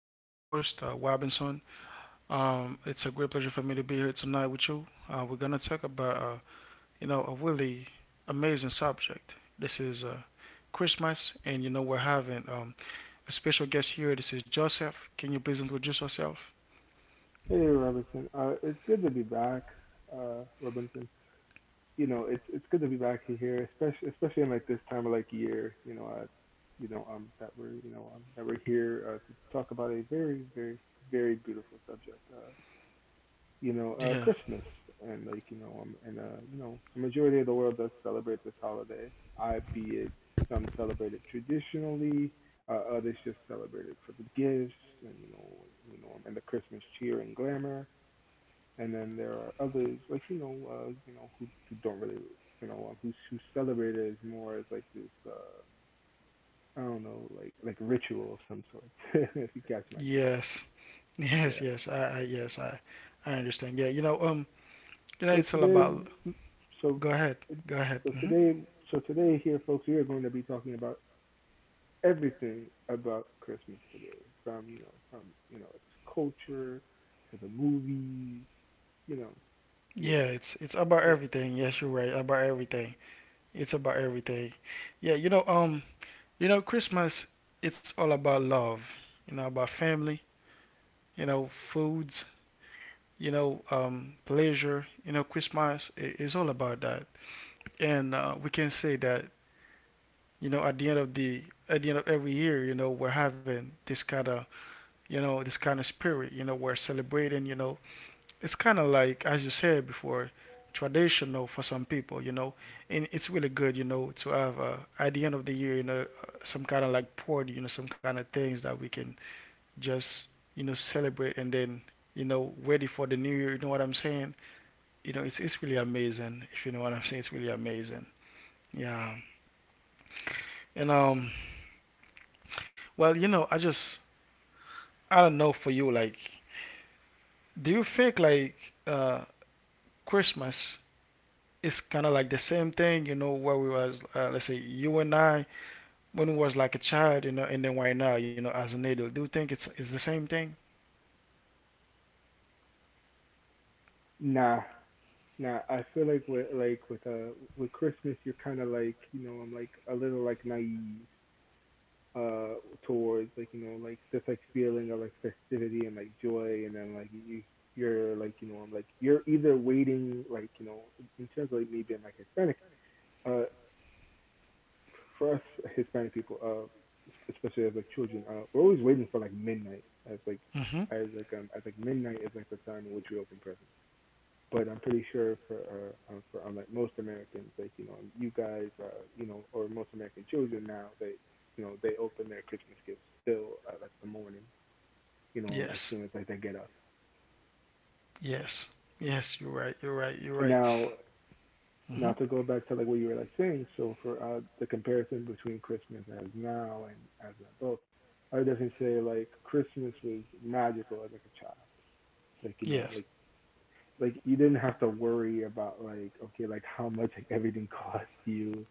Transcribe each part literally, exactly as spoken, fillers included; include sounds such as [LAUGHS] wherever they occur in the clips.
This is your host, uh, Robinson. Um, it's a great pleasure for me to be here tonight with you. Uh, we're gonna talk about uh, you know a really amazing subject. This is uh, Christmas, and you know we're having um, a special guest here. This is Joseph. Can you please introduce yourself? Hey, Robinson. Uh, it's good to be back, uh, Robinson. You know, it's it's good to be back here, especially especially in like this time of like year. You know, uh, you know, um, that we're you know um, that we're here uh, to talk about a very very very beautiful subject. Uh, you know, Yeah. uh, Christmas, and like you know um and uh you know a majority of the world does celebrate this holiday. I be it, some celebrate it traditionally. Uh, others just celebrate it for the gifts, and you know you know um, and the Christmas cheer and glamour. And then there are others, like, you know, uh, you know who, who don't really, you know, um, who's who celebrate it as more as like this, uh, I don't know, like like ritual of some sort [LAUGHS] if you catch my drift. Yes. [LAUGHS] Yes. Yeah. Yes. I. I Yes. I. I understand. Yeah. You know. Um. You know, it's so all today about. Go so ahead. Go ahead. so Hmm. today so today here, folks, we are going to be talking about everything about Christmas today, from you know from you know its culture to the movies you know yeah. Yeah. It's. It's about Eh. everything. Yes. You're right. About everything. It's about everything. Yeah, you know, um, you know, Christmas, it's all about love. You know, about family. You know, foods. You know, um, pleasure. You know, Christmas i- is all about that. And uh, we can say that. You know, at the end of the at the end of every year, you know, we're having this kind of, you know, this kind of spirit. You know, we're celebrating. You know, it's kind of like, as you said before, traditional for some people, you know, and it's really good, you know, to have, uh, at the end of the year, you know, uh, some kind of like party, you know, some kind of things that we can just, you know, celebrate, and then, you know, ready for the new year, you know what I'm saying? You know, it's it's really amazing, if you know what I'm saying, it's really amazing. Yeah. and um well, you know, I just, I don't know for you, like, do you think like, uh Christmas, it's kind of like the same thing, you know, where we was, uh, let's say, you and I, when we was like a child, you know, and then right now, you know, as an adult. Do you think it's it's the same thing? Nah. Now I feel like with like with uh with Christmas, you're kind of, like, you know, I'm like a little, like, naive, uh towards like, you know, like this, like, feeling of, like, festivity and, like, joy, and then, like, you you're like, you know, I'm like, you're either waiting, like, you know, in- terms of, like, me being, like, Hispanic. uh for us Hispanic people, uh especially as, like, children, uh we're always waiting for, like, midnight, as like, Mm-hmm. as like um as like midnight is, like, the time in which we open presents. But I'm pretty sure for uh, uh, for unlike most Americans, like, you know, you guys, uh, you know, or most American children now, they, you know, they open their Christmas gifts still at, like, the morning, you know, as Yes. soon as, like, they get up. Yes. Yes. You're right. You're right. You're right. Now, now Mm-hmm. to go back to, like, what you were, like, saying, so for uh, the comparison between Christmas as now and as an adult, I would definitely say, like, Christmas was magical as, like, a child, like, you know, Yes. like like you didn't have to worry about, like, okay, like, how much, like, everything [LAUGHS] cost you,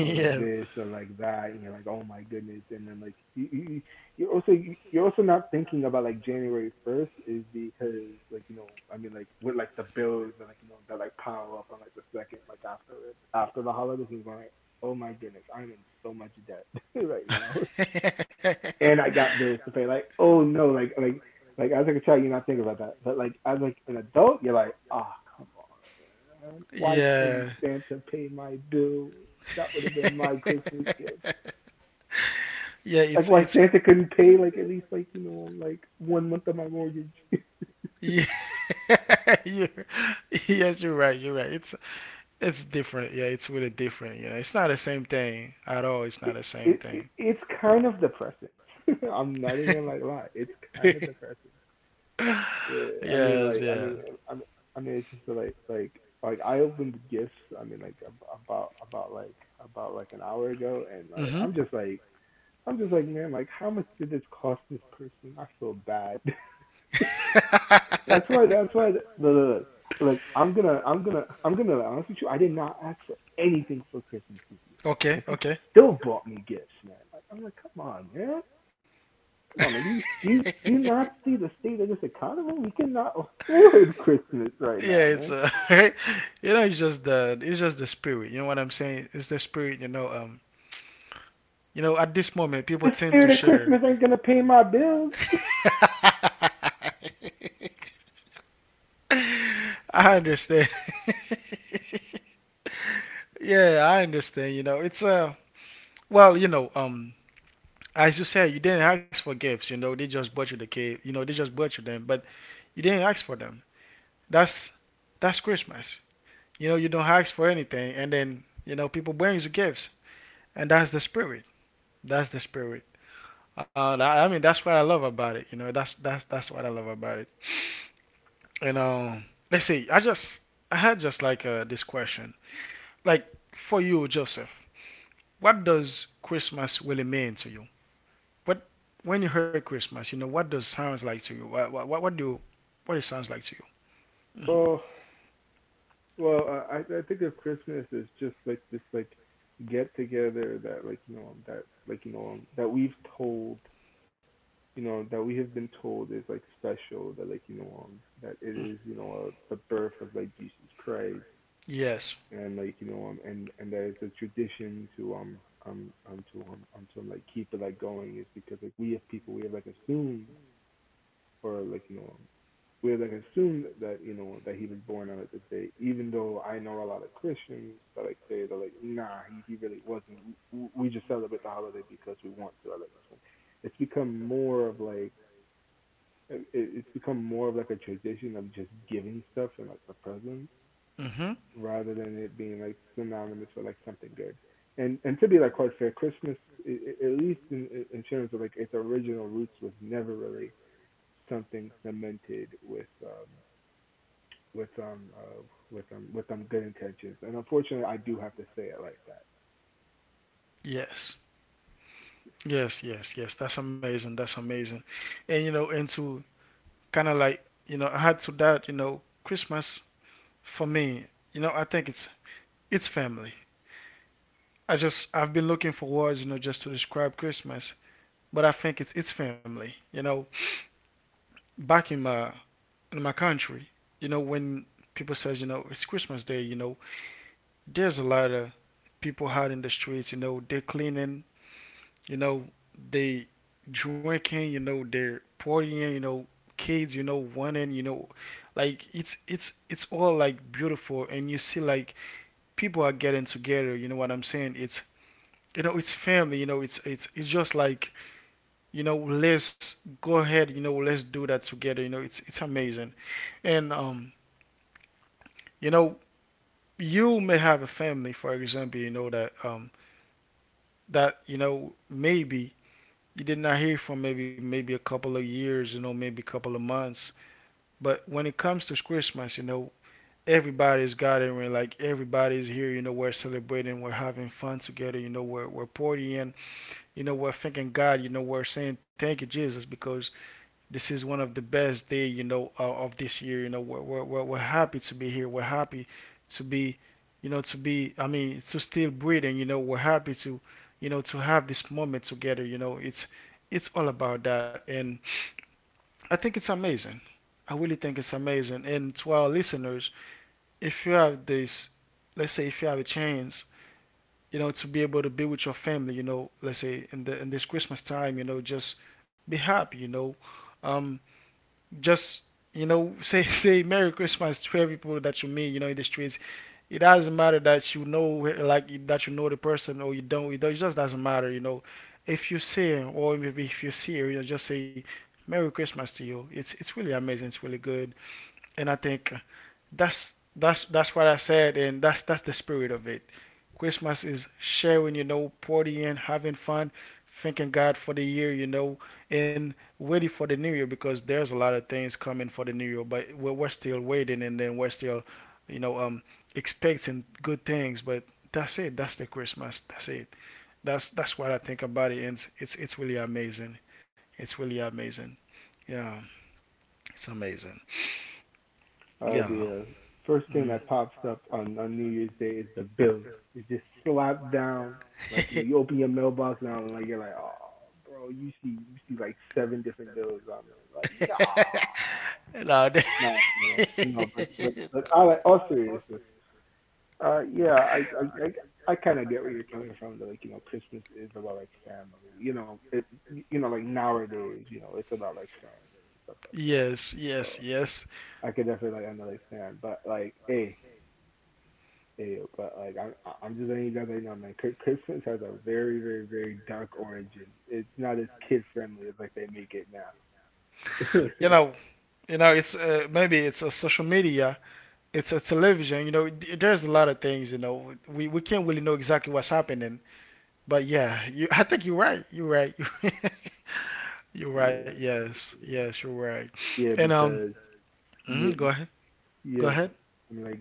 [LAUGHS] like, Yes. this, or, like, that, and you're like, oh my goodness. And then, like, you, you you- are also you- you're also not thinking about like january first, is because, like, you know, I mean, like, with, like, the bills and, like, you know, that, like, pile up on, like, the second, like, after it, after the holidays, you're going like, oh my goodness, I'm in so much debt [LAUGHS] right now, and I got bills to pay. Like, oh no, like like like as, like, a child, you're not thinking about that, but, like, as, like, an adult, you're like, ah, oh, come on, man. [LAUGHS] Why can't Yeah. Santa pay my bills? That would have been my Christmas gift. [LAUGHS] Yeah. Like, It's why it's. Santa couldn't pay like at least, like, you know, like one month of my mortgage? [LAUGHS] it, Yeah, [LAUGHS] you, yes, you're right. You're right. It's it's different. Yeah, it's really different. You know, it's not the same thing at all. It's not the same it, it thing. it's kind of depressing. [LAUGHS] I'm not even gonna, like, lie, it's kind of [LAUGHS] depressing. Yeah, I mean, Yes, like, I yes. mean, eh, I mean, I mean, it's just, like, like, like I opened the gifts. I mean, like, ab- about about like, about, like, an hour ago, and like Mhm. I'm just like I'm just like, man, like, how much did this cost this person? I feel bad. [LAUGHS] That's why. [LAUGHS] That's why. Look, look, look, look, I'm gonna, I'm gonna, I'm gonna be honest with you. I did not ask for anything for Christmas this year, Okay, and people okay. still bought me gifts, man. Like, I'm like, come on, man. Come on, man. Do you, do you do you not see the state of this economy? We cannot afford [LAUGHS] Christmas right Yeah, now, it's man. uh, [LAUGHS] you know, it's just the, it's just the spirit. You know what I'm saying? It's the spirit. You know, um, you know, at this moment, people The tend to spirit of share. Christmas ain't gonna pay my bills. [LAUGHS] [LAUGHS] I understand. [LAUGHS] Yeah, I understand. You know, it's uh, well, you know, um, as you said, you didn't ask for gifts. You know, they just bought you the cake. You know, they just bought you them, but you didn't ask for them. That's that's Christmas. You know, you don't ask for anything, and then you know people bring you gifts, and that's the spirit. That's the spirit. Uh, tha- I mean, that's what I love about it. You know, that's that's that's what I love about it. And um, Let's see. I just I had just like, uh, this question, like, for you, Joseph, what does Christmas really mean to you? What, when you heard Christmas, you know, what does sounds like to you? What what what, do you, what it sounds like to you? Hmm. Oh, well, I I I think of Christmas as just, like, this, like, get together that, like, you know, that like you know um, that we've told you know that we have been told is, like, special, that, like, you know, um that it is, you know, uh, the birth of, like, Jesus Christ, Yes. and, like, you know, um and and that it's a tradition to, um um um to um, um to, like, keep it, like, going, is because, like, we have people, we have like, assumed, or, like, you know, um, we have, like, assumed that, you know, that he was born on, like, this day, even though I know a lot of Christians that, like, say they're like, nah, he he really wasn't. We, we just celebrate the holiday because we want to. I like this one. It's become more of, like, it- it's become more of, like, a tradition of just giving stuff and, like, the presents, Hmm. rather than it being, like, synonymous with, like, something good. And, and to be, like, quite fair, Christmas, i- i- at least in, in terms of, like, its original roots, was never really something cemented with um with um uh, with um with um good intentions. And unfortunately, I do have to say it like that. Yes. Yes. Yes. Yes. That's amazing. That's amazing. And you know, and to kind of like, you know, add to that, you know, Christmas for me, you know, I think it's it's family. I just, I've been looking for words, you know, just to describe Christmas, but I think it's it's family. You know, back in my in my country, you know, when people says, you know, it's Christmas Day, you know, there's a lot of people out in the streets, you know, they're cleaning, you know, they drinking, you know, they're partying, you know, kids, you know, wanting, you know, like it's it's it's all like beautiful, and you see like people are getting together. You know what I'm saying? It's, you know, it's family. You know, it's it's it's just like, you know, let's go ahead. You know, let's do that together. You know, it's it's amazing, and um you know, you may have a family, for example, you know, that um that you know maybe you did not hear from, maybe, maybe a couple of years, you know, maybe a couple of months. But when it comes to Christmas, you know, everybody's gathering, like everybody's here, you know, we're celebrating, we're having fun together, you know, we're we're partying, you know, we're thanking God, you know, we're saying thank you Jesus, because this is one of the best day, you know, uh, of this year. You know, we're, we're, we're happy to be here. We're happy to be, you know, to be, I mean, to still breathing. You know, we're happy to, you know, to have this moment together. You know, it's it's all about that, and I think it's amazing. I really think it's amazing. And to our listeners, if you have this, let's say, if you have a chance, you know, to be able to be with your family, you know, let's say, in the in this Christmas time, you know, just be happy, you know, um, just you know [LAUGHS] say say Merry Christmas to every people that you meet, you know, in the streets. It doesn't matter that you know, like, that you know the person or you don't, it just doesn't matter, you know, if you see her, or maybe if you see her, you know, just say Merry Christmas to you. it's it's really amazing, it's really good, and I think that's that's that's what I said, and that's that's the spirit of it. Christmas is sharing, you know, partying, having fun, thanking God for the year, you know, and waiting for the new year, because there's a lot of things coming for the new year, but we're, we're still waiting, and then we're still, you know, um, expecting good things. But that's it. That's the Christmas. That's it. That's that's what I think about it, and it's it's, it's really amazing. It's really amazing. Yeah, it's amazing. uh, Yeah. The uh, first thing that Yeah. pops up on, on New Year's Day is the bills. It just slapped down. Like, you know, you open your mailbox now and, like, you're like, oh, bro, you see you see like [LAUGHS] seven different bills on there. Like, no, No. [LAUGHS] no, no, no. But, but but all, like, all seriousness, uh, yeah, I I. I I kind of get where you're coming from. That, like, you know, Christmas is about, like, family. You know, it, you know, like, nowadays, you know, it's about, like, family and stuff like that. Yes, yes, So I could yes. I could definitely, like, understand. But, like, hey, hey but, like, I'm I'm just letting you guys know, man, Chri- Christmas has a very, very, very dark origin. It's not as kid friendly as, like, they make it now. [LAUGHS] You know, you know, it's uh, maybe it's a social media, it's a television. You know, th- there's a lot of things. You know, we we can't really know exactly what's happening. But yeah, you, I think you're right. You're right. [LAUGHS] You're right. Yes, Yeah. yes, you're right. And Yeah, um, because Hmm. yeah Go ahead. Go yeah ahead. I'm like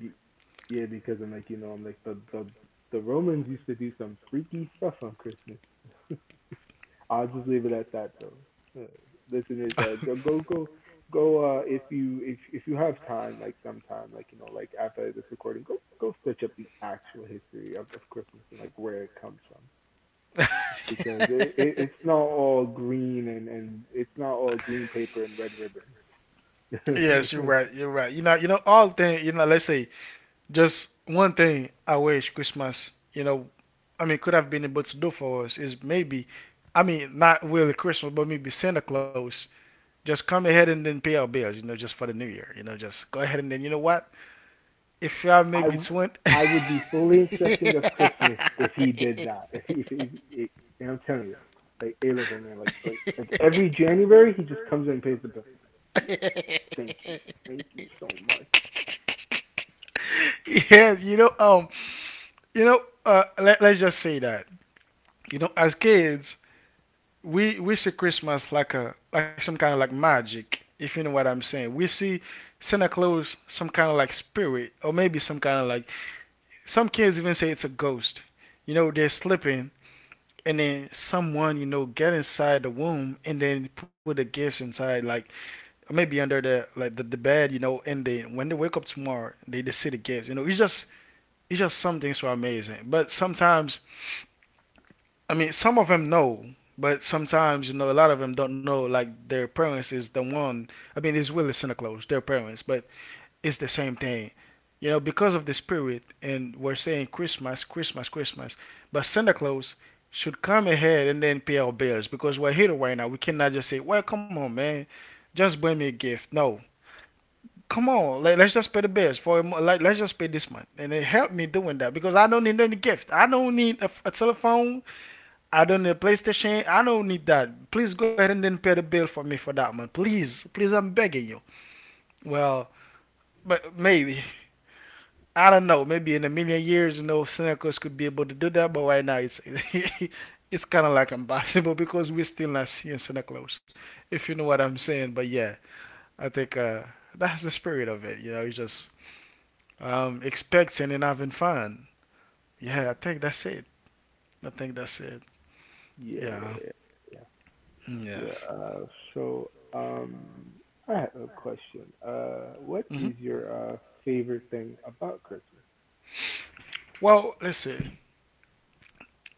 yeah, because I'm like, you know, I'm like, the the the Romans used to do some freaky stuff on Christmas. [LAUGHS] I'll just leave it at that though. Uh, Listeners, uh, go, go, go, [LAUGHS] go. Uh, if you, if if you have time, like, sometime, like, you know, like, after this recording, go go search up the actual history of, of Christmas, and, like, where it comes from. It's because, it, it it's not all green, and and it's not all green paper and red ribbons. Yes, you're right. [LAUGHS] You're right. You know, you know, all thing. You know, let's say just one thing. I wish Christmas, you know, I mean, could have been able to do for us is maybe, I mean, not really Christmas, but maybe Santa Claus. Just come ahead and then pay our bills. You know, just for the New Year. You know, just go ahead and then you know what, if y'all I maybe twin. I would be fully Every accepting of Christmas if he did that. If he if, if, [LAUGHS] if and I'm telling you, like, a look, man, like like like every January he just comes in and pays the bill. Like, yes, thank you, thank you so much. yeah, you know, um, you know, uh, let, let's just say that you know, as kids, we we see Christmas like a, like some kind of like magic, if you know what I'm saying. We see Santa Claus some kind of like spirit, or maybe some kind of like, some kids even say it's a ghost. You know, they're sleeping, and then someone you know get inside the womb and then put the gifts inside, like, maybe under the, like, the, the bed, you know, and they when they wake up tomorrow, they, they see the gifts, you know, it's just, it's just some things so amazing. But sometimes, I mean, some of them know, but sometimes you know a lot of them don't know, like, their parents is the one, I mean, it's really Santa Claus their parents, but is the same thing. You know, because of the spirit, and we're saying Christmas, Christmas, Christmas. But Santa Claus should come ahead and then pay our bills, because we're here right now. We cannot just say, "Well, come on, man, just bring me a gift." No, come on, let, us just pay the bills for a, like, let's just pay this month, and it helped me doing that, because I don't need any gift. I don't need a, a telephone. I don't need a PlayStation. I don't need that. Please go ahead and then pay the bill for me for that month, please, please. I'm begging you. Well, but maybe I don't know. Maybe in a million years, you know, Senecos could be able to do that, but right now it's [LAUGHS] it's kind of like impossible [LAUGHS] because we're still not seeing Senecos, if you know what I'm saying. But yeah, I think uh, that's the spirit of it. You know, it's just um, expecting and having fun. Yeah, I think that's it. I think that's it. Yeah, Yeah. yeah, yeah, yeah, Mm, yeah. yes. Uh, so, um, I have a question. Uh, what Hmm. is your uh favorite thing about Christmas? Well, let's see.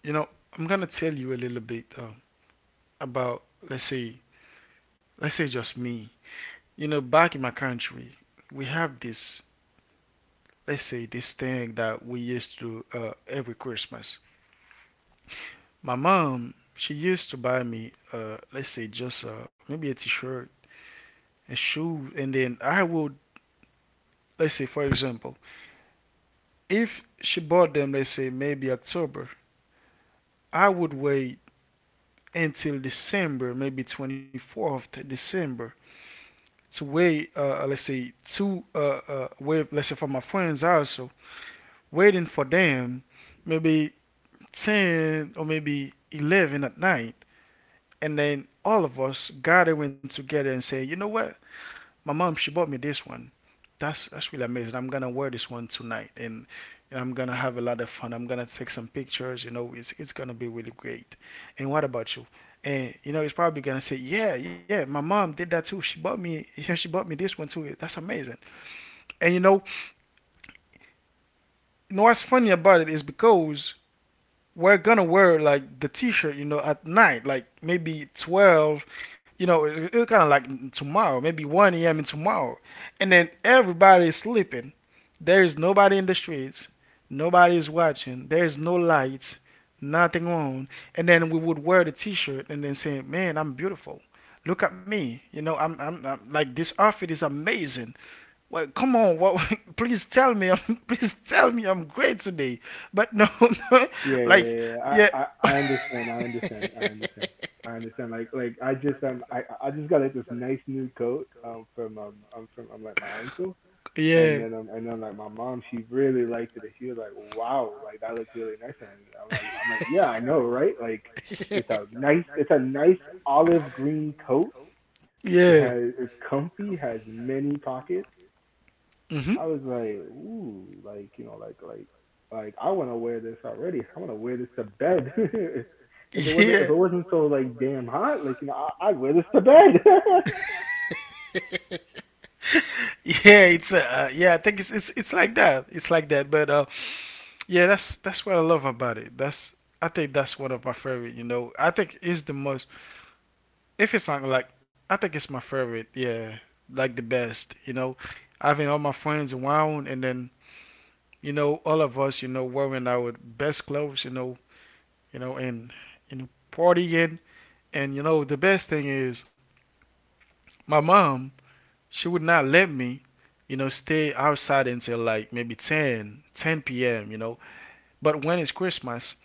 You know, I'm gonna tell you a little bit um, about let's say let's say just me. You know, back in my country, we have this, let's say, this thing that we used to do uh, every Christmas. My mom, she used to buy me, uh, let's say, just uh, maybe a T-shirt, a shoe, and then I would, let's say, for example, if she bought them, let's say, maybe October, I would wait until December, maybe twenty-fourth December, to wait, uh, uh, let's say, to uh, uh, wait, let's say, for my friends also, waiting for them, maybe ten or maybe eleven at night. And then all of us gathering together and saying, you know what? My mom, she bought me this one. That's that's really amazing. I'm gonna wear this one tonight, and, and I'm gonna have a lot of fun. I'm gonna take some pictures. You know, it's it's gonna be really great. And what about you? And you know, it's probably gonna say, yeah, yeah, my mom did that too. She bought me [LAUGHS] yeah, she bought me this one too. That's amazing. And you know, you know what's funny about it is because we're gonna wear like the t-shirt, you know, at night, like maybe twelve. You know, it, it's it kind of like tomorrow, maybe one a.m in tomorrow, and then everybody is sleeping. There's nobody in the streets, nobody is watching, there's no lights, nothing on. And then we would wear the t-shirt and then say, man, I'm beautiful. Look at me. You know, i'm, I'm, I'm like, this outfit is amazing. Well, come on, what, [LAUGHS] please tell me, I'm, [LAUGHS] please tell me I'm great today. But no, [LAUGHS] no, Yeah, yeah, like, yeah. Yeah. yeah. I, I, [LAUGHS] I understand. I understand. I understand. I understand. Like, like I just, um, I, I I just got, like, this nice new coat, um from, um, I'm from I'm like, my uncle, and yeah. then, um, and then, like, my mom, she really liked it. And she was like, wow, like, that looks really nice. On And I'm like, I'm like, yeah, I know, right? Like, [LAUGHS] it's a nice, it's a it's. nice olive green coat. It Yeah. has, it's comfy, has many pockets. Hmm. I was like, ooh, like, you know, like, like like I want to wear this already. I want to wear this to bed. [LAUGHS] If it If. Yeah. wasn't, if it It, wasn't so, like, damn hot, like, you know, I, I'd wear this to bed. bed. [LAUGHS] yeah, it's uh, uh, yeah. I think it's it's it's like that. It's like that. But uh, yeah, that's that's what I love about it. That's, I think that's one of my favorite. You know, I think it's the most. If it's not like, I think it's my favorite. Yeah, like the best. You know, having all my friends around, and then, you know, all of us, you know, wearing our best clothes, you know, you know, and you know, partying. And you know, the best thing is my mom. She would not let me, you know, stay outside until like maybe ten ten p m, you know. But when it's Christmas,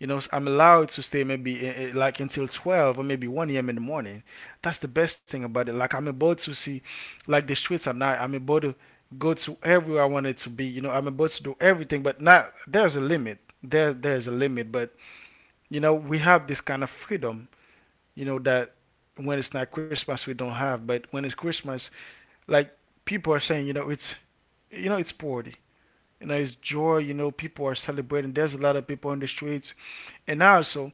you know, I'm allowed to stay maybe eh, eh, like until twelve or maybe one a.m in the morning. That's the best thing about it. Like, I'm able to see, like, the streets at night. I'm able to go to everywhere I wanted to be. You know, I'm able to do everything, but not, there's a limit, there, there's a limit. But you know, we have this kind of freedom, you know, that when it's not Christmas we don't have. But when it's Christmas, like, people are saying, you know, it's, you know, it's party, you know, it's joy, you know, people are celebrating, there's a lot of people on the streets. And also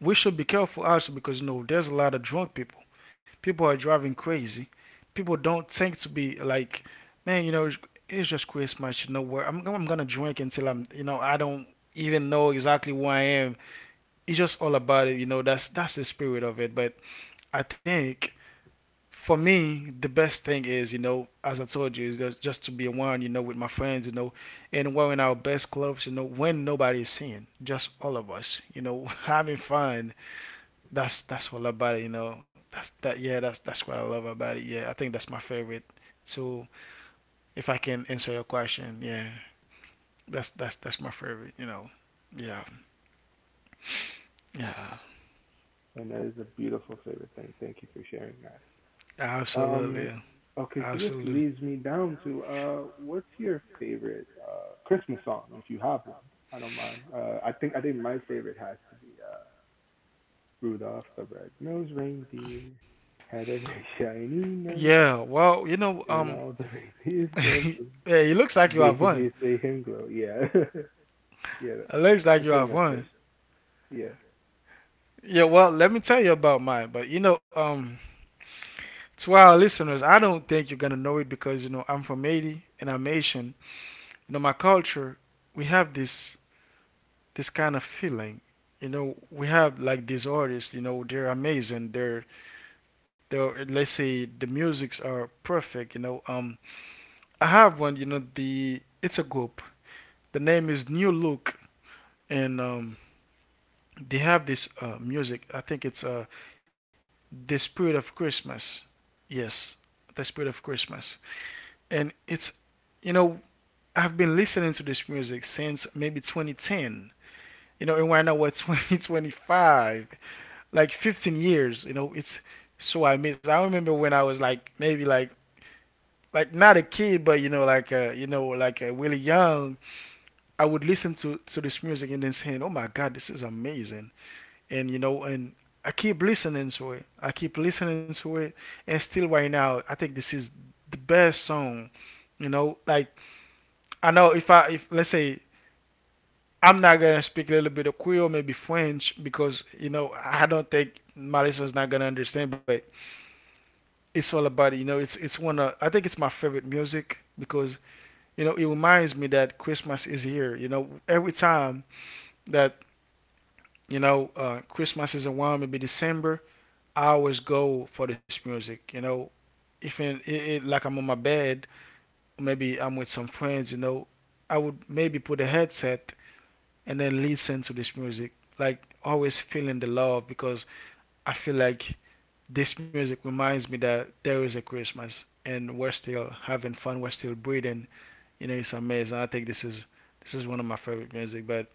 we should be careful also because, you know, there's a lot of drunk people. People are driving crazy. People don't think to be like, man, you know, it's just Christmas. You know where I'm, I'm gonna drink until I'm, you know, I don't even know exactly where I am. It's just all about it. You know, that's that's the spirit of it. But I think for me, the best thing is, you know, as I told you, is just, just to be one, you know, with my friends, you know, and wearing our best clothes, you know, when nobody is seeing, just all of us, you know, [LAUGHS] having fun, that's that's what I love about it, you know. That's that yeah, that's that's what I love about it. Yeah, I think that's my favorite. So if I can answer your question, yeah, that's that's that's my favorite, you know. Yeah, yeah, [LAUGHS] And that is a beautiful favorite thing. Thank you for sharing that. Um, absolutely, okay, so this absolutely. leads me down to, uh, what's your favorite uh Christmas song if you have one? I don't mind. Uh, I think I think my favorite has to be uh Rudolph the Red-Nosed Reindeer, had a [LAUGHS] big shiny nose. Yeah, well, you know, And um, all the [LAUGHS] babies [LAUGHS] love yeah, to it looks like you have one. Daisy say him glow. Yeah. [LAUGHS] Yeah. It looks like you That's one of have my one. favorites. Yeah. Yeah, well, let me tell you about mine. But you know, um, to our listeners, I don't think you're gonna know it because, you know, I'm from Haiti and I'm Asian. You know, my culture, we have this this kind of feeling. You know, we have like these artists. You know, they're amazing. They're they're let's say the musics are perfect. You know, um, I have one. You know, the it's a group. The name is New Look, and um, they have this uh, music. I think it's uh, the Spirit of Christmas. Yes, the Spirit of Christmas. And it's, you know, I've been listening to this music since maybe twenty ten. You know, and right now we're twenty twenty-five. [LAUGHS] like fifteen years, you know. It's, so i miss i remember when I was like maybe like like not a kid, but, you know, like, uh you know, like, uh, really young. I would listen to to this music and then saying, oh my god, this is amazing. And you know, and I keep listening to it, I keep listening to it. And still right now I think this is the best song. You know, like, I know if I, if let's say, I'm not gonna speak a little bit of Creole, maybe French, because, you know, I don't think my listeners not gonna understand. But it's all about it. You know, it's it's one of, I think it's my favorite music, because, you know, it reminds me that Christmas is here, you know, every time that, you know, uh, Christmas is around, maybe December, I always go for this music. You know, if in, it, it, like, I'm on my bed, maybe I'm with some friends, you know, I would maybe put a headset and then listen to this music, like always feeling the love, because I feel like, this music reminds me that there is a Christmas and we're still having fun, we're still breathing. You know, it's amazing. I think this is this is one of my favorite music. But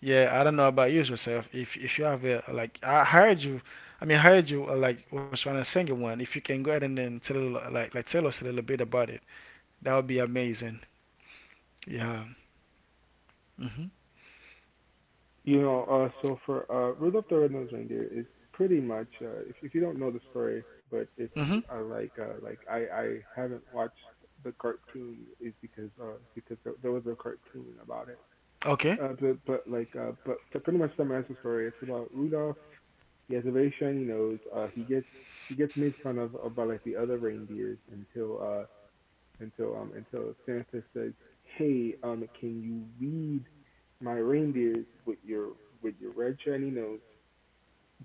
yeah, I don't know about you yourself. If if you have a, like, I heard you. I mean, I heard you uh, like, was trying to sing one. If you can go ahead and then tell, like, like tell us a little bit about it, that would be amazing. Yeah. Mhm. You know, uh so for uh Rudolph the Red-Nosed Reindeer is pretty much, uh if, if you don't know the story, but it's, Mhm. uh, like, uh like, I I haven't watched the cartoon, is because, uh because, there, there was a cartoon about it. Okay. Uh but but like uh but to pretty much summarize the story, it's about Rudolph. He has a very shiny nose. Uh he gets, he gets made fun of, of by, like, the other reindeers, until, uh until um until Santa says, "Hey, um, can you lead my reindeers with your, with your red shiny nose?"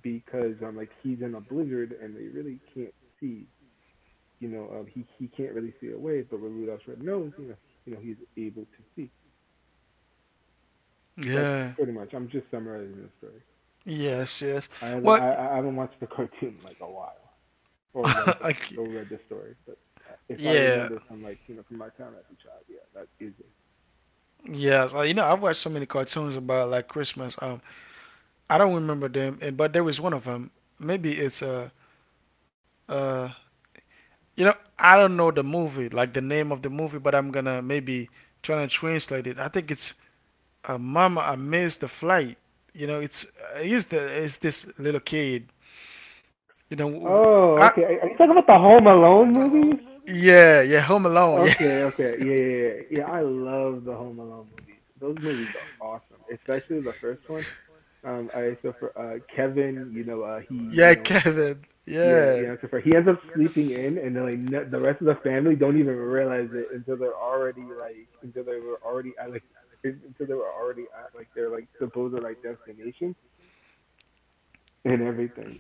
Because, um like, he's in a blizzard and they really can't see. You know, um, he he can't really see a way, but with Rudolph's red nose, you know, you know, he's able to see. That's Yeah. pretty much. I'm just summarizing the story. Yes. Yes. I haven't Well, I, I haven't watched the [LAUGHS] cartoon in like a while or read [LAUGHS] I the c or read the story, but uh, if I yeah. remember from like you know from my time as a child, yeah, that is it. Yes. Uh, you know, I've watched so many cartoons about like Christmas. Um, I don't remember them, and but there was one of them. Maybe it's uh uh. You know, I don't know the movie, like the name of the movie, but I'm gonna maybe try to translate it. I think it's uh, "Mama, I missed the flight." You know, it's it's the it's this little kid. You know, w- I Oh, okay. Are you talking about the Home Alone movies? Yeah, yeah, Home Alone, yeah. Um, Okay, okay. Yeah, yeah, yeah. Yeah, I love the Home Alone movies. Those movies are awesome, especially the first one. Um, I so for uh Kevin, you know, uh he, you yeah, know, Kevin, yeah, yeah, you know, so for he yeah. ends up sleeping in, and then like n- the rest of the family don't even realize it until they're already like until they were already at like until they were already at like their like supposed like destination and everything.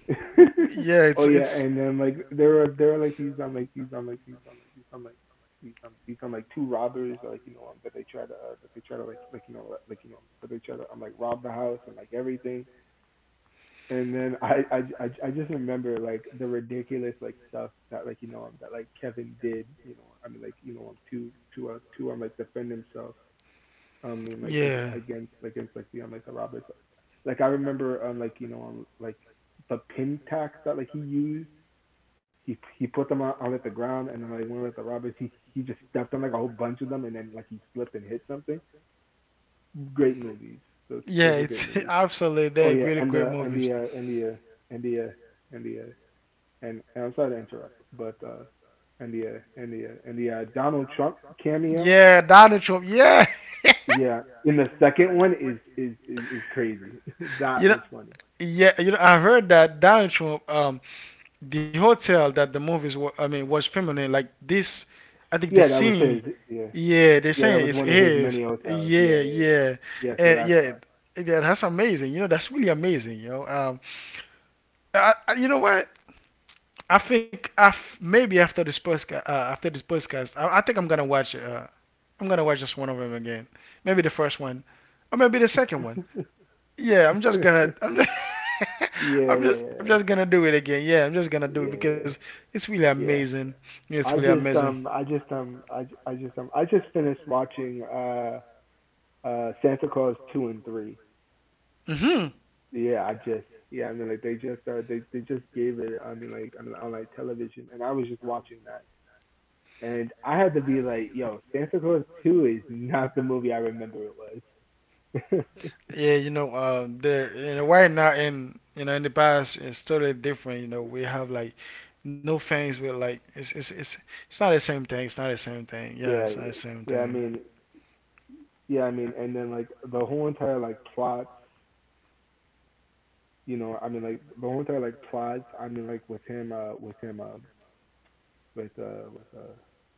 [LAUGHS] Oh yeah, [LAUGHS] and then like there were there were like these on like these on like these on like these on like these on these on like two robbers like you know um, that they try to uh, that they try to like like you know like like, you know that they try to um, like rob the house and like everything. And then I I I I just remember like the ridiculous like stuff that like you know um, that like Kevin did, you know I mean like you know um, to to uh, to um like defend himself, I mean, like ag- against against like the um, like the robbers. Like I remember um like you know um, like the pin tax that like he used. He he put them on, on like the ground and then like one of the robbers he he just stepped on like a whole bunch of them and then like he slipped and hit something. Great movies. Those Yeah, those are great it's [LAUGHS] movies. absolutely, Oh they're yeah, really and great the and movies. the uh, and the uh, and the uh, and the uh, and, and I'm sorry to interrupt, but uh and the uh, and the uh, and the uh, Donald Trump cameo. Yeah, Donald Trump, yeah. Yeah, and the second one is is is, is crazy. [LAUGHS] [LAUGHS] That you know, was funny. yeah, you know, I heard that Donald Trump, um, the hotel that the movies were, I mean, was feminine. Like this, I think, the Yeah, that was scene. his. Yeah, Yeah, they're yeah, that saying was it's one of his his. many hotels. Yeah, yeah, Yeah, yeah. yeah, Yeah, uh, so that's yeah. why. Yeah, that's amazing. You know, that's really amazing. You know, um, I, I, you know what? I think I maybe after this podcast, uh, after this podcast, I, I think I'm gonna watch. Uh, I'm gonna watch just one of them again. Maybe the first one, or maybe the second one. Yeah, I'm just [LAUGHS] gonna. I'm just. [LAUGHS] Yeah, I'm just. I'm yeah, just gonna do it again. Yeah, I'm just gonna do yeah, it because it's really yeah, yeah. amazing. Yeah, it's really I just amazing. um, I just um, I j- I just um, I just finished watching uh uh Santa Claus two and three. Mhm. Yeah, I just, yeah, I mean like they just uh they they just gave it, I mean like I, on like television, and I was just watching that. And I had to be like, yo, Santa Claus two is not the movie I remember it was. Yeah, you know, uh, there, you know, right now, in, you know, in the past, it's totally different. You know, we have like no things with like, it's it's it's it's not the same thing. It's not the same thing. [LAUGHS] Yeah, Yeah, it's not the same yeah, I thing. mean, yeah, I mean, and then like the whole entire like plot, you know, I mean like the whole entire like plot, I mean like with him, uh, with him, uh, with uh, with uh,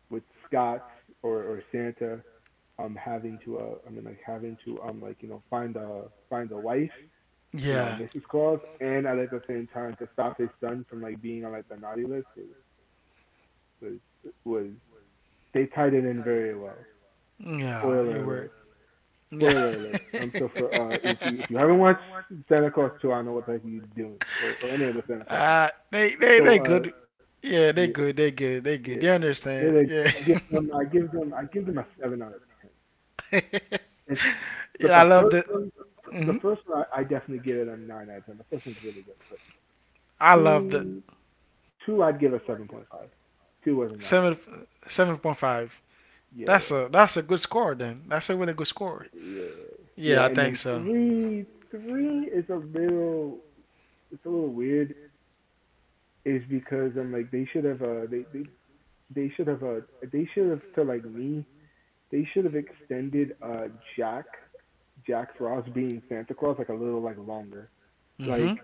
with Scott or or Santa, um, having to, uh, I mean like having to, um, like you know, find a find a wife, you know, Yeah. missus Claus, and at like, the same time to stop his son from like being on like the naughty list was was was they tied it in very well. Yeah, you Spoiler were. alert. Yeah. Spoiler alert. Um, so for uh, [LAUGHS] if you if you haven't watched Santa Claus two, I don't know what the heck you're doing, or, or any of the Santa Claus movies. Uh, they they So they uh, good. Yeah, they yeah, good. They good. They good. yeah, They understand. yeah. They, Yeah. I give them, I give them, I give them a seven out of ten. [LAUGHS] It's but Yeah, I the love first the. one, the Hmm. first one, I, I definitely give it a nine out of ten. The first one's really good, but Love the, two, two, I'd give a seven point five. Two wasn't seven that bad. seven point five. Yeah, yeah, That's a yeah. that's a good score. Then that's a really good score. Yeah, yeah, Yeah, I and think then so. three, three is a little, it's a little weird. Is because I'm like they should have uh they they they should have uh they should have to like me they should have extended uh Jack Jack Frost being Santa Claus like a little like longer Hmm. like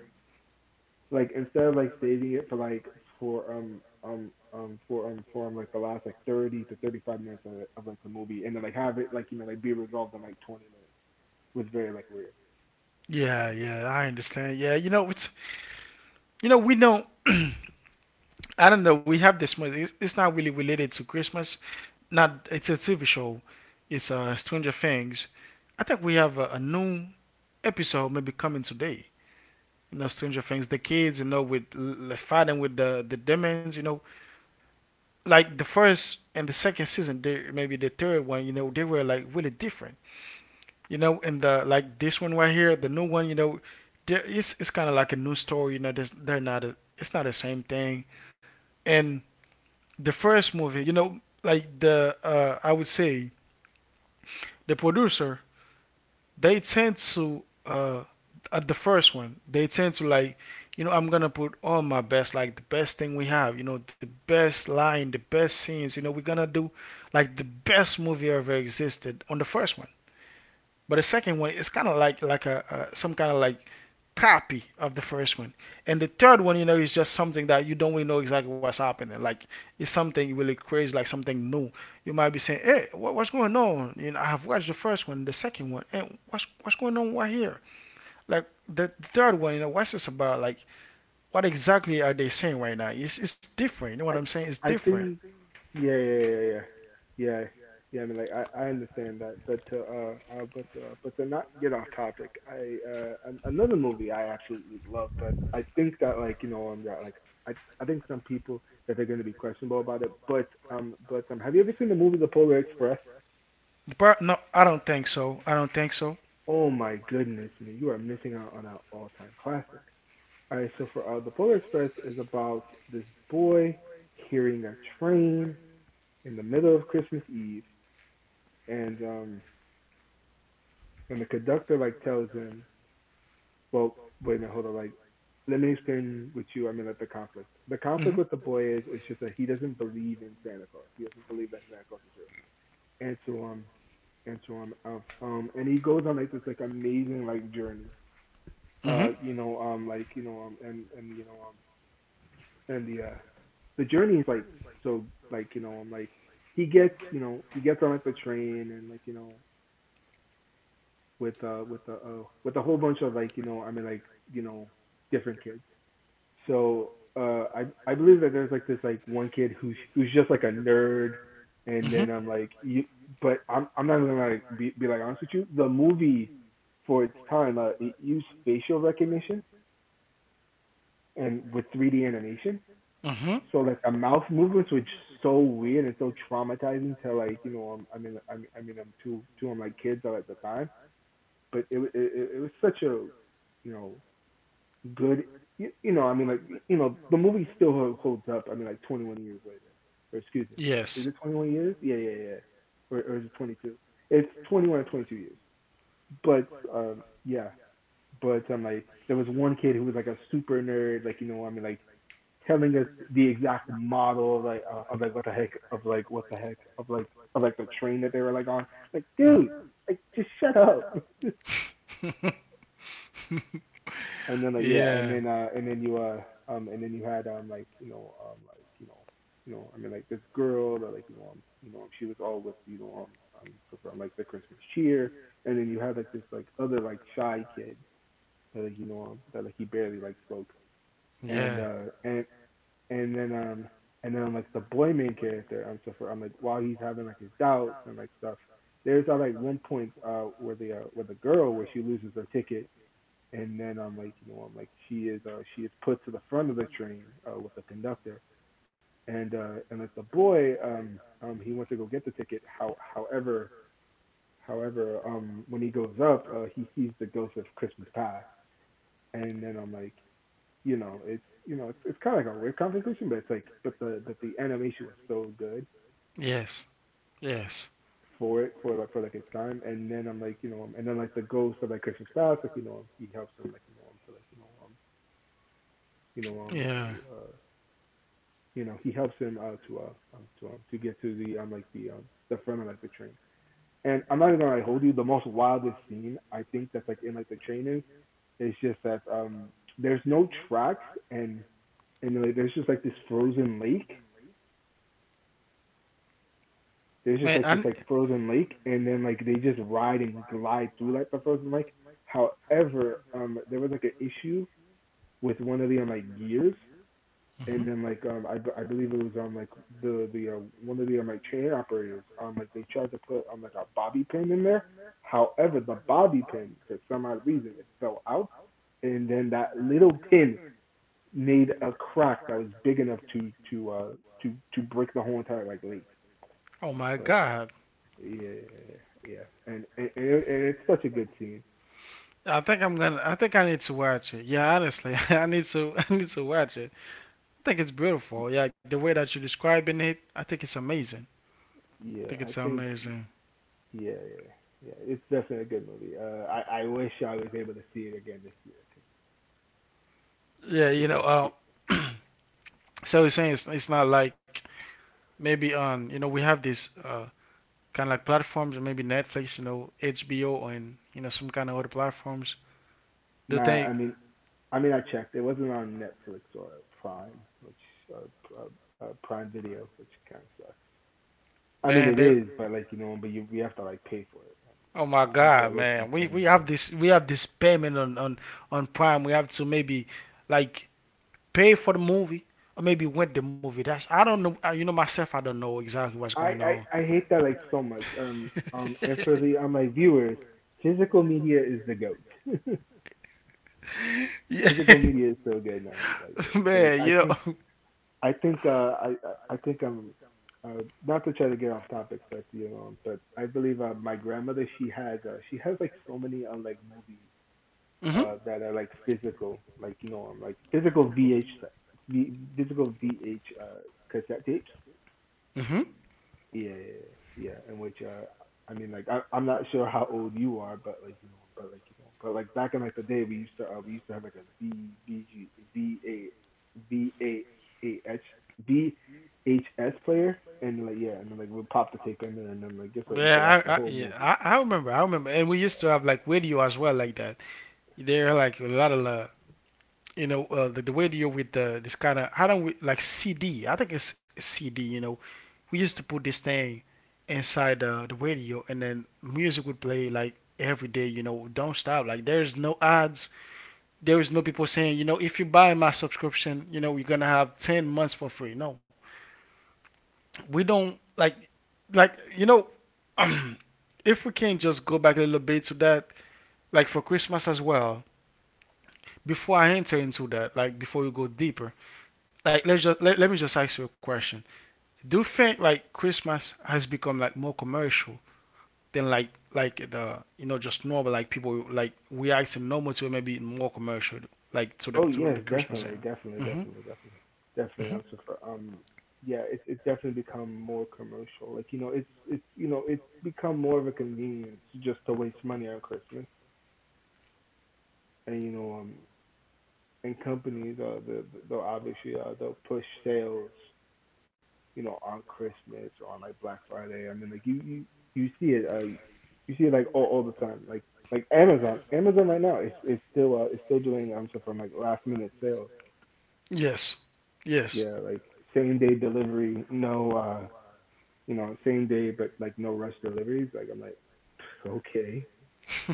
like instead of like saving it for like for um um um for um for um, like the last like thirty to thirty five minutes of, of like the movie and then like have it like you know like be resolved in like twenty minutes was very like weird. Yeah, yeah, I understand. Yeah, you know, it's, you know, we don't. [CLEARS THROAT] I don't know. We have this movie. It's, it's not really related to Christmas. Not. It's a T V show. It's uh Stranger Things. I think we have a, a new episode maybe coming today. You know, Stranger Things, the kids, you know, with l- fighting with the the demons, you know, like the first and the second season, they, maybe the third one, you know, they were like really different, you know, and the like this one right here, the new one, you know, it's it's kind of like a new story, you know, they're not, a, it's not the same thing, and the first movie, you know, like the uh, I would say the producer, they tend to uh at the first one, they tend to like, you know, I'm gonna put all my best, like the best thing we have, you know, the best line, the best scenes, you know, we're gonna do like the best movie ever existed on the first one. But the second one is kind of like like a, a some kind of like copy of the first one. And the third one, you know, is just something that you don't really know exactly what's happening. Like it's something really crazy, like something new. You might be saying, "Hey, what, what's going on?" You know, I have watched the first one, the second one, and what's what's going on right here? Like the third one, you know, what's this about? Like what exactly are they saying right now? It's it's different. You know what I'm I saying? It's I different. think yeah yeah yeah yeah yeah yeah. I mean like I I understand that, but to uh, uh but to, uh, but to not get off topic, I uh an- another movie I absolutely love that I think that like you know um that like I I think some people that they're going to be questionable about it, but um but um have you ever seen the movie The Polar Express? But no, I don't think so. I don't think so. Oh my goodness, man, you are missing out on an all-time classic. All right, so for uh, The Polar Express is about this boy hearing a train in the middle of Christmas Eve and um when the conductor like tells him, well, wait a minute, hold on, like let me explain with you. I mean, like the conflict. The Mm-hmm. conflict with the boy is it's just that he doesn't believe in Santa Claus. He doesn't believe that Santa Claus is real. And so um and so um um, um and he goes on like this like amazing like journey. Mhm. Uh, you know um like you know um and and you know um and the uh The journey is like so like you know um like he gets, you know, he gets on like the train and like you know with uh with a uh, with a whole bunch of like you know I mean like you know different kids. So uh I I believe that there's like this like one kid who's who's just like a nerd, and Mhm. I then I'm like you, but I'm I'm not gonna like be be like honest with you. The movie for its time uh it used facial recognition and with three D animation. Mhm. So like the mouth movements were just so weird and so traumatizing to like you know um, I mean I mean I mean I'm two two I'm like kids at the time, but it it, it, was such a you know good, you, you know I mean like you know the movie still holds up. I mean like twenty-one years later, or excuse me, is it twenty-one years? Yeah, yeah, yeah, yeah. or or is it twenty-two? It's twenty-one or twenty-two years. But um yeah, but I'm um, like there was one kid who was like a super nerd, like you know I mean like telling us the exact model of like uh, of like what the heck of like what the heck of like of like the train that they were like on. Like dude, like just shut up. [LAUGHS] And then like yeah, and then uh and then you uh um and then you had um like you know um like you know you know I mean like this girl that like you know um you know um, she was all with you know um um so from like the Christmas cheer, and then you had like this like other like shy kid that like you know um, that like he barely like spoke, and Yeah. uh and and then um and then like the boy main character um so for um like while he's having like his doubts and like stuff, there's uh, like one point uh where the uh, where the girl where she loses her ticket and then I'm like, you know, I'm like, she is uh, she is put to the front of the train uh, with the conductor, and uh, and like the boy, um, um, he went to go get the ticket. How, however, however, um, when he goes up, uh, he sees the ghost of Christmas pie, and then I'm like, you know, it's, you know, it's it's kind of like a weird conversation, but it's like, but the but the animation was so good Yes. Yes. for it for like for like its time. And then I'm like, you know um, and then like the ghost of like Christian Styles, like you know um, he helps him like you know um to like you know um you know um Yeah. to uh you know he helps him out to uh um, to um to get to the um like the um the front of like the train. And I'm not even gonna like, hold you. The most wildest scene I think that's like in like the train is, is just that um there's no tracks and and like there's just like this frozen lake. There's Man, just I n- like this like it's frozen lake, and then like they just ride and glide through like the frozen lake. However, um there was like an issue with one of the um, like gears, hmm and then like um I I believe it was on like the the uh, one of the um, like chain operators, um like they tried to put um like a bobby pin in there. However, the bobby pin for some odd reason it fell out, and then that little pin made a crack that was big enough to to uh to to break the whole entire like lake. oh my But god. yeah, yeah, and and, and, it, and it's such a good scene. I think I'm gonna. I think I need to watch it. Yeah, honestly, [LAUGHS] I need to. [LAUGHS] I need to watch it. I think it's beautiful. Yeah, the way that you're describing it, I think it's amazing. Yeah, I I think it's think, amazing. yeah, yeah, yeah, it's definitely a good movie. Uh, I I wish I was able to see it again this year. Yeah, you Because know. it Uh, [CLEARS THROAT] so you're saying it's, it's not like maybe on. You know, we have these uh, kind of like platforms, maybe Netflix, you know, H B O, and you know some kind of other platforms. Do you Nah, think, i mean i mean I checked it wasn't on Netflix or prime, which or, or, or prime video, which kind of sucks. I mean man? it They is, but, like, you know, but you we have to like pay for it, oh my and i, I feel God, like wasting man. We we seven have dollars this we have this payment on on on Prime. We have to maybe like pay for the movie or maybe rent the movie. That's I don't know. uh, You know myself. I don't know exactly what's going I, on. I i [LAUGHS] hate that like so much. Um um and for the on my viewers, physical media is the goat. [LAUGHS] Yeah, Physical [LAUGHS] media is so good now, like it's like, man. i You think know. [LAUGHS] I think uh, I I I think, I'm uh, not to try to get off topic, but you know, but I believe, uh, my grandmother, she has, uh, she has like so many, uh, like movies, Mhm. uh, that are like physical, like you know, um, like physical V H, v, physical V H, uh, cassette tapes. Mhm. Yeah, yeah, yeah. In which, uh, I mean, like, I, I'm not sure how old you are, but like, you know, but like, you know, but like back in like the day, we used to, uh, we used to have like a V V G V A V A A H V H S player, and like, yeah, and then like we'd pop the tape in, and then like, guess what? We could watch Yeah, I, the I whole yeah movie. I, I remember I remember and we used to have like radio as well like that. There are like a lot of uh, you know, uh, the, the way you with the, this kind of how don't we like C D? I think it's C D. You know, we used to put this thing inside the, the radio, and then music would play like every day. You know, don't stop. Like there's no ads. There is no people saying, you know, if you buy my subscription, you know, you're gonna have ten months for free. No, we don't like like you know. [CLEARS THROAT] If we can just go back a little bit to that, like for Christmas as well, before I enter into that, like before you go deeper, like let's just let, let me just ask you a question. Do you think like Christmas has become like more commercial than like like the, you know, just normal, like people like reacting normal to it, maybe more commercial like to the Oh to yes, the Christmas definitely, end? definitely, Mm-hmm. definitely, definitely, definitely. Mm-hmm. I'm so for, um, yeah, it's it's definitely become more commercial. Like, you know, it's it's you know, it's become more of a convenience just to waste money on Christmas. And you know, um and companies, uh the they'll obviously, uh they'll push sales, you know, on Christmas or on like Black Friday. I mean, like you you you see it, uh you see it, like all, all the time, like like amazon amazon right now is is still uh is still doing um stuff from like last minute sales. Yes. Yes. Yeah, like same day delivery, no, uh you know, same day but like no rush deliveries. Like, I'm like, okay,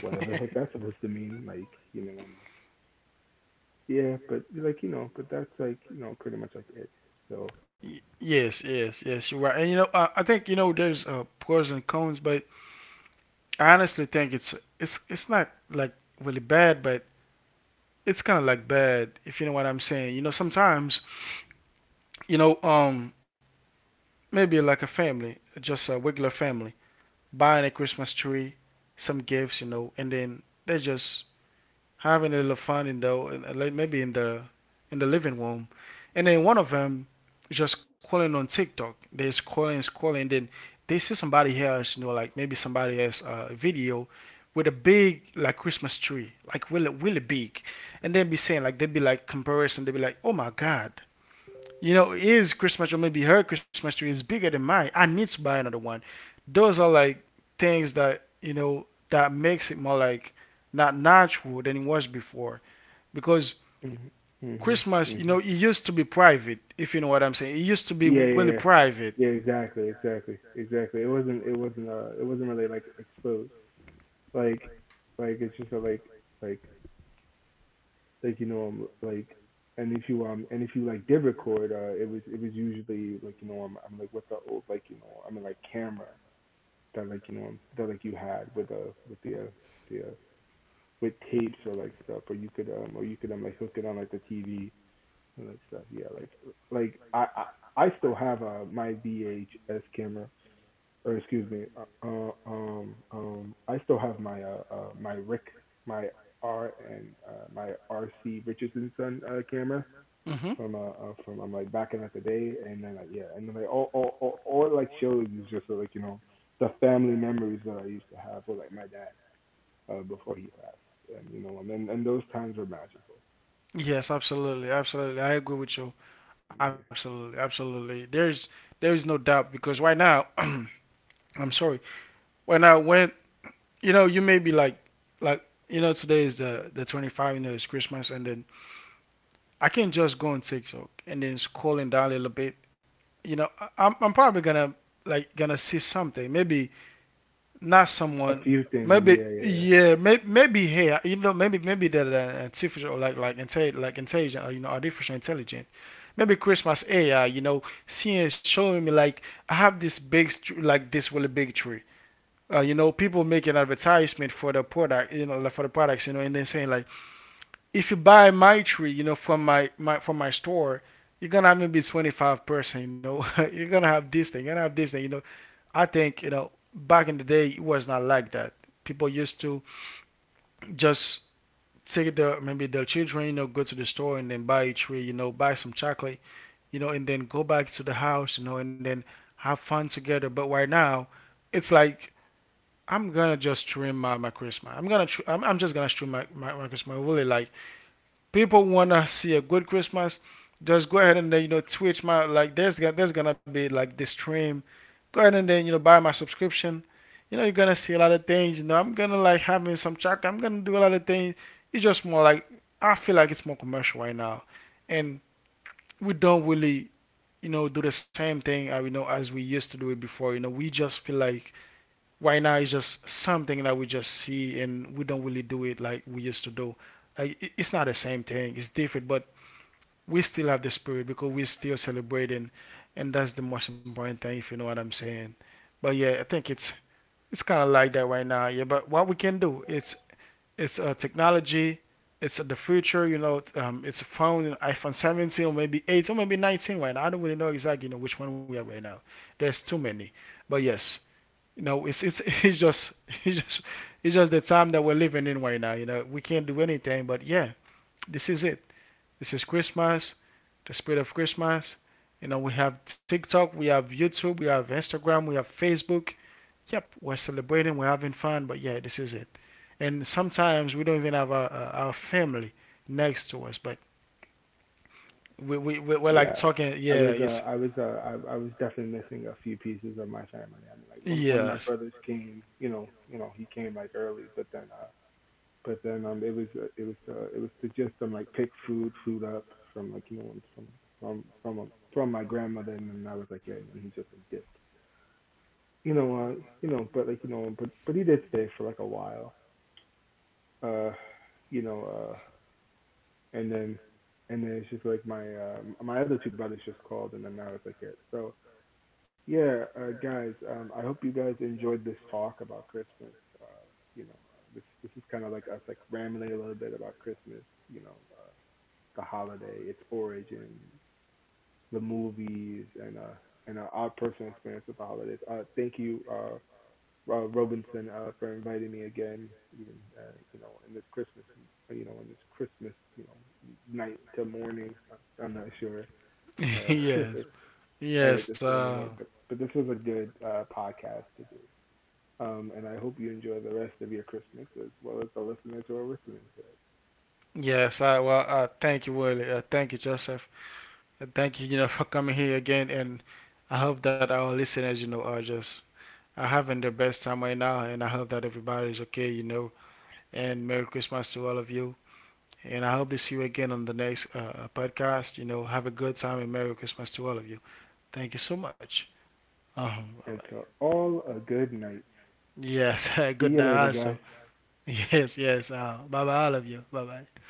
whatever the heck that's supposed to mean. Like, you know, I'm like, yeah, but, like, you know, but that's, like, you know, pretty much like it. So, Y- Yes, yes, yes, you're right. And you know, I, I think you know there's uh, pros and cons, but I honestly think it's it's it's not like really bad, but it's kind of like bad if you know what I'm saying. You know, sometimes you know, um, maybe like a family, just a regular family, buying a Christmas tree, some gifts, you know, and then they just having a little fun in the uh, like maybe in the in the living room, and then one of them just scrolling on TikTok. They're scrolling, scrolling, and then they see somebody else, you know, like maybe somebody else uh, video with a big like Christmas tree, like really really big, and they'd be saying like they'd be like comparison. They'd be like, oh my god, you know, his Christmas tree, or maybe her Christmas tree is bigger than mine. I need to buy another one. Those are like things that, you know, that makes it more like not natural than it was before. Because mhm, mhm, Christmas, you know, mhm. it used to be private, if you know what I'm saying. It used to be Yeah, really yeah, yeah. private. Yeah, exactly, exactly, exactly. It wasn't, it wasn't, uh, it wasn't really like exposed. Like, like it's just a, like, like, like you know, um, like, and if you um, and if you like did record, uh, it was, it was usually like, you know, I'm, I'm like with the old, like you know, I mean like camera, that like you know, um, that like you had with uh with the uh, the uh, with tapes or like stuff. Or you could, um, or you could um like hook it on like the T V and that stuff. Yeah, like like I I, I still have, uh my V H S camera, or excuse me, uh, uh, um um I still have my, uh, uh my Rick, my R and, uh, my R C Richardson son, uh, camera hmm from, uh, uh from, I'm um, like back in like the day. And then like, yeah, and then like all all all, all it, like shows is just, uh, like you know, the family memories that I used to have with like my dad, uh before he passed. And you know, and and those times were magical. Yes, absolutely, absolutely. I agree with you. Yeah. Absolutely, absolutely. There's there is no doubt because right now, [CLEARS THROAT] I'm sorry. Right now, when you know, you may be like, like you know, today is the the twenty-five. You know, it's Christmas, and then I can just go on TikTok and then scrolling down a little bit. You know, I- am I'm probably gonna like gonna see something. Maybe not A someone. few things, yeah, Maybe yeah, yeah. yeah. Maybe maybe here. You know, maybe maybe the, the artificial like like intel like intelligent. Or, you know, artificial intelligent. Maybe Christmas A I. You know, seeing showing me like I have this big tr- like this really big tree, uh, you know, people make an advertisement for the product, you know, like for the products, you know, and then saying like, if you buy my tree, you know, from my, my from my store, you're gonna have maybe twenty-five percent, you know, [LAUGHS] you're gonna have this thing, you're gonna have this thing, you know. I think you know, back in the day, it was not like that. People used to just take the maybe the children, you know, go to the store and then buy a tree, you know, buy some chocolate, you know, and then go back to the house, you know, and then have fun together. But right now, it's like I'm gonna just stream my, my Christmas. I'm gonna tr- I'm, I'm just gonna stream my, my, my Christmas. Really, like people wanna see a good Christmas, just go ahead and then you know Twitch my like there's there's gonna be like this stream. Go ahead and then you know buy my subscription. You know you're gonna see a lot of things. You know I'm gonna like having some chat. I'm gonna do a lot of things. It's just more like I feel like it's more commercial right now, and we don't really, you know, do the same thing uh, you know as we used to do it before. You know we just feel like right now it's just something that we just see and we don't really do it like we used to do, like it's not the same thing, it's different, but we still have the spirit because we're still celebrating, and that's the most important thing if you know what I'm saying. But yeah, I think it's it's kind of like that right now. Yeah, but what we can do, it's it's a technology, it's the future, you know, um, it's a phone, you know, iphone seventeen, or maybe eight or maybe nineteen right now. I don't really know exactly, you know, which one we are right now. There's too many. But yes, you know, it's it's [LAUGHS] it's just it's just it's just the time that we're living in right now. You know, we can't do anything, but yeah, this is it. This is Christmas, the spirit of Christmas. You know, we have TikTok, we have YouTube, we have Instagram, we have Facebook. Yep, we're celebrating, we're having fun, but yeah, this is it. And sometimes we don't even have our, our family next to us, but we we we- we're like Yeah, talking. I was, Yeah, uh, it's I was, uh, I, I was definitely missing a few pieces of my family. I mean, like one, one of my yes, brothers came, you know, you know, he came like early, but then, uh, but then, um, it was, uh, it was, uh, it was to just, um, like pick food, food up from like you know from from from um, from my grandmother, and then I was like, yeah, and then he just like dipped, you know, uh, you know, but like you know, but but he did stay for like a while, uh, you know, uh, and then. And then it's just like my uh, my other two brothers just called, and then I was like it. So, yeah, uh, guys, um, I hope you guys enjoyed this talk about Christmas. Uh, you know, uh, this this is kind of like us like rambling a little bit about Christmas. You know, uh, the holiday, its origin, the movies, and uh and uh, our personal experience with the holidays. Uh, thank you, uh, uh Robinson, uh, for inviting me again. Even, uh, you know, in this Christmas, uh, you know, in this Christmas, you know, night to morning. I'm not sure. [LAUGHS] Uh, yes, [LAUGHS] at it yes. this way Uh, anymore. But but this was a good, uh, podcast to do. Um, and I hope you enjoy the rest of your Christmas as well as the listeners who are listening to it. yes. I well. Uh, thank you, Willie. Uh, thank you, Joseph. Uh, thank you. You know, for coming here again, and I hope that our listeners, you know, are just are having their best time right now, and I hope that everybody's okay. You know, and Merry Christmas to all of you. And I hope to see you again on the next uh, podcast. You know, have a good time, and Merry Christmas to all of you. Thank you so much. Um, bye And bye. to all a good night. Yes, [LAUGHS] See good you night later, guys. also. Yes, yes. Uh, bye bye, all of you. Bye bye.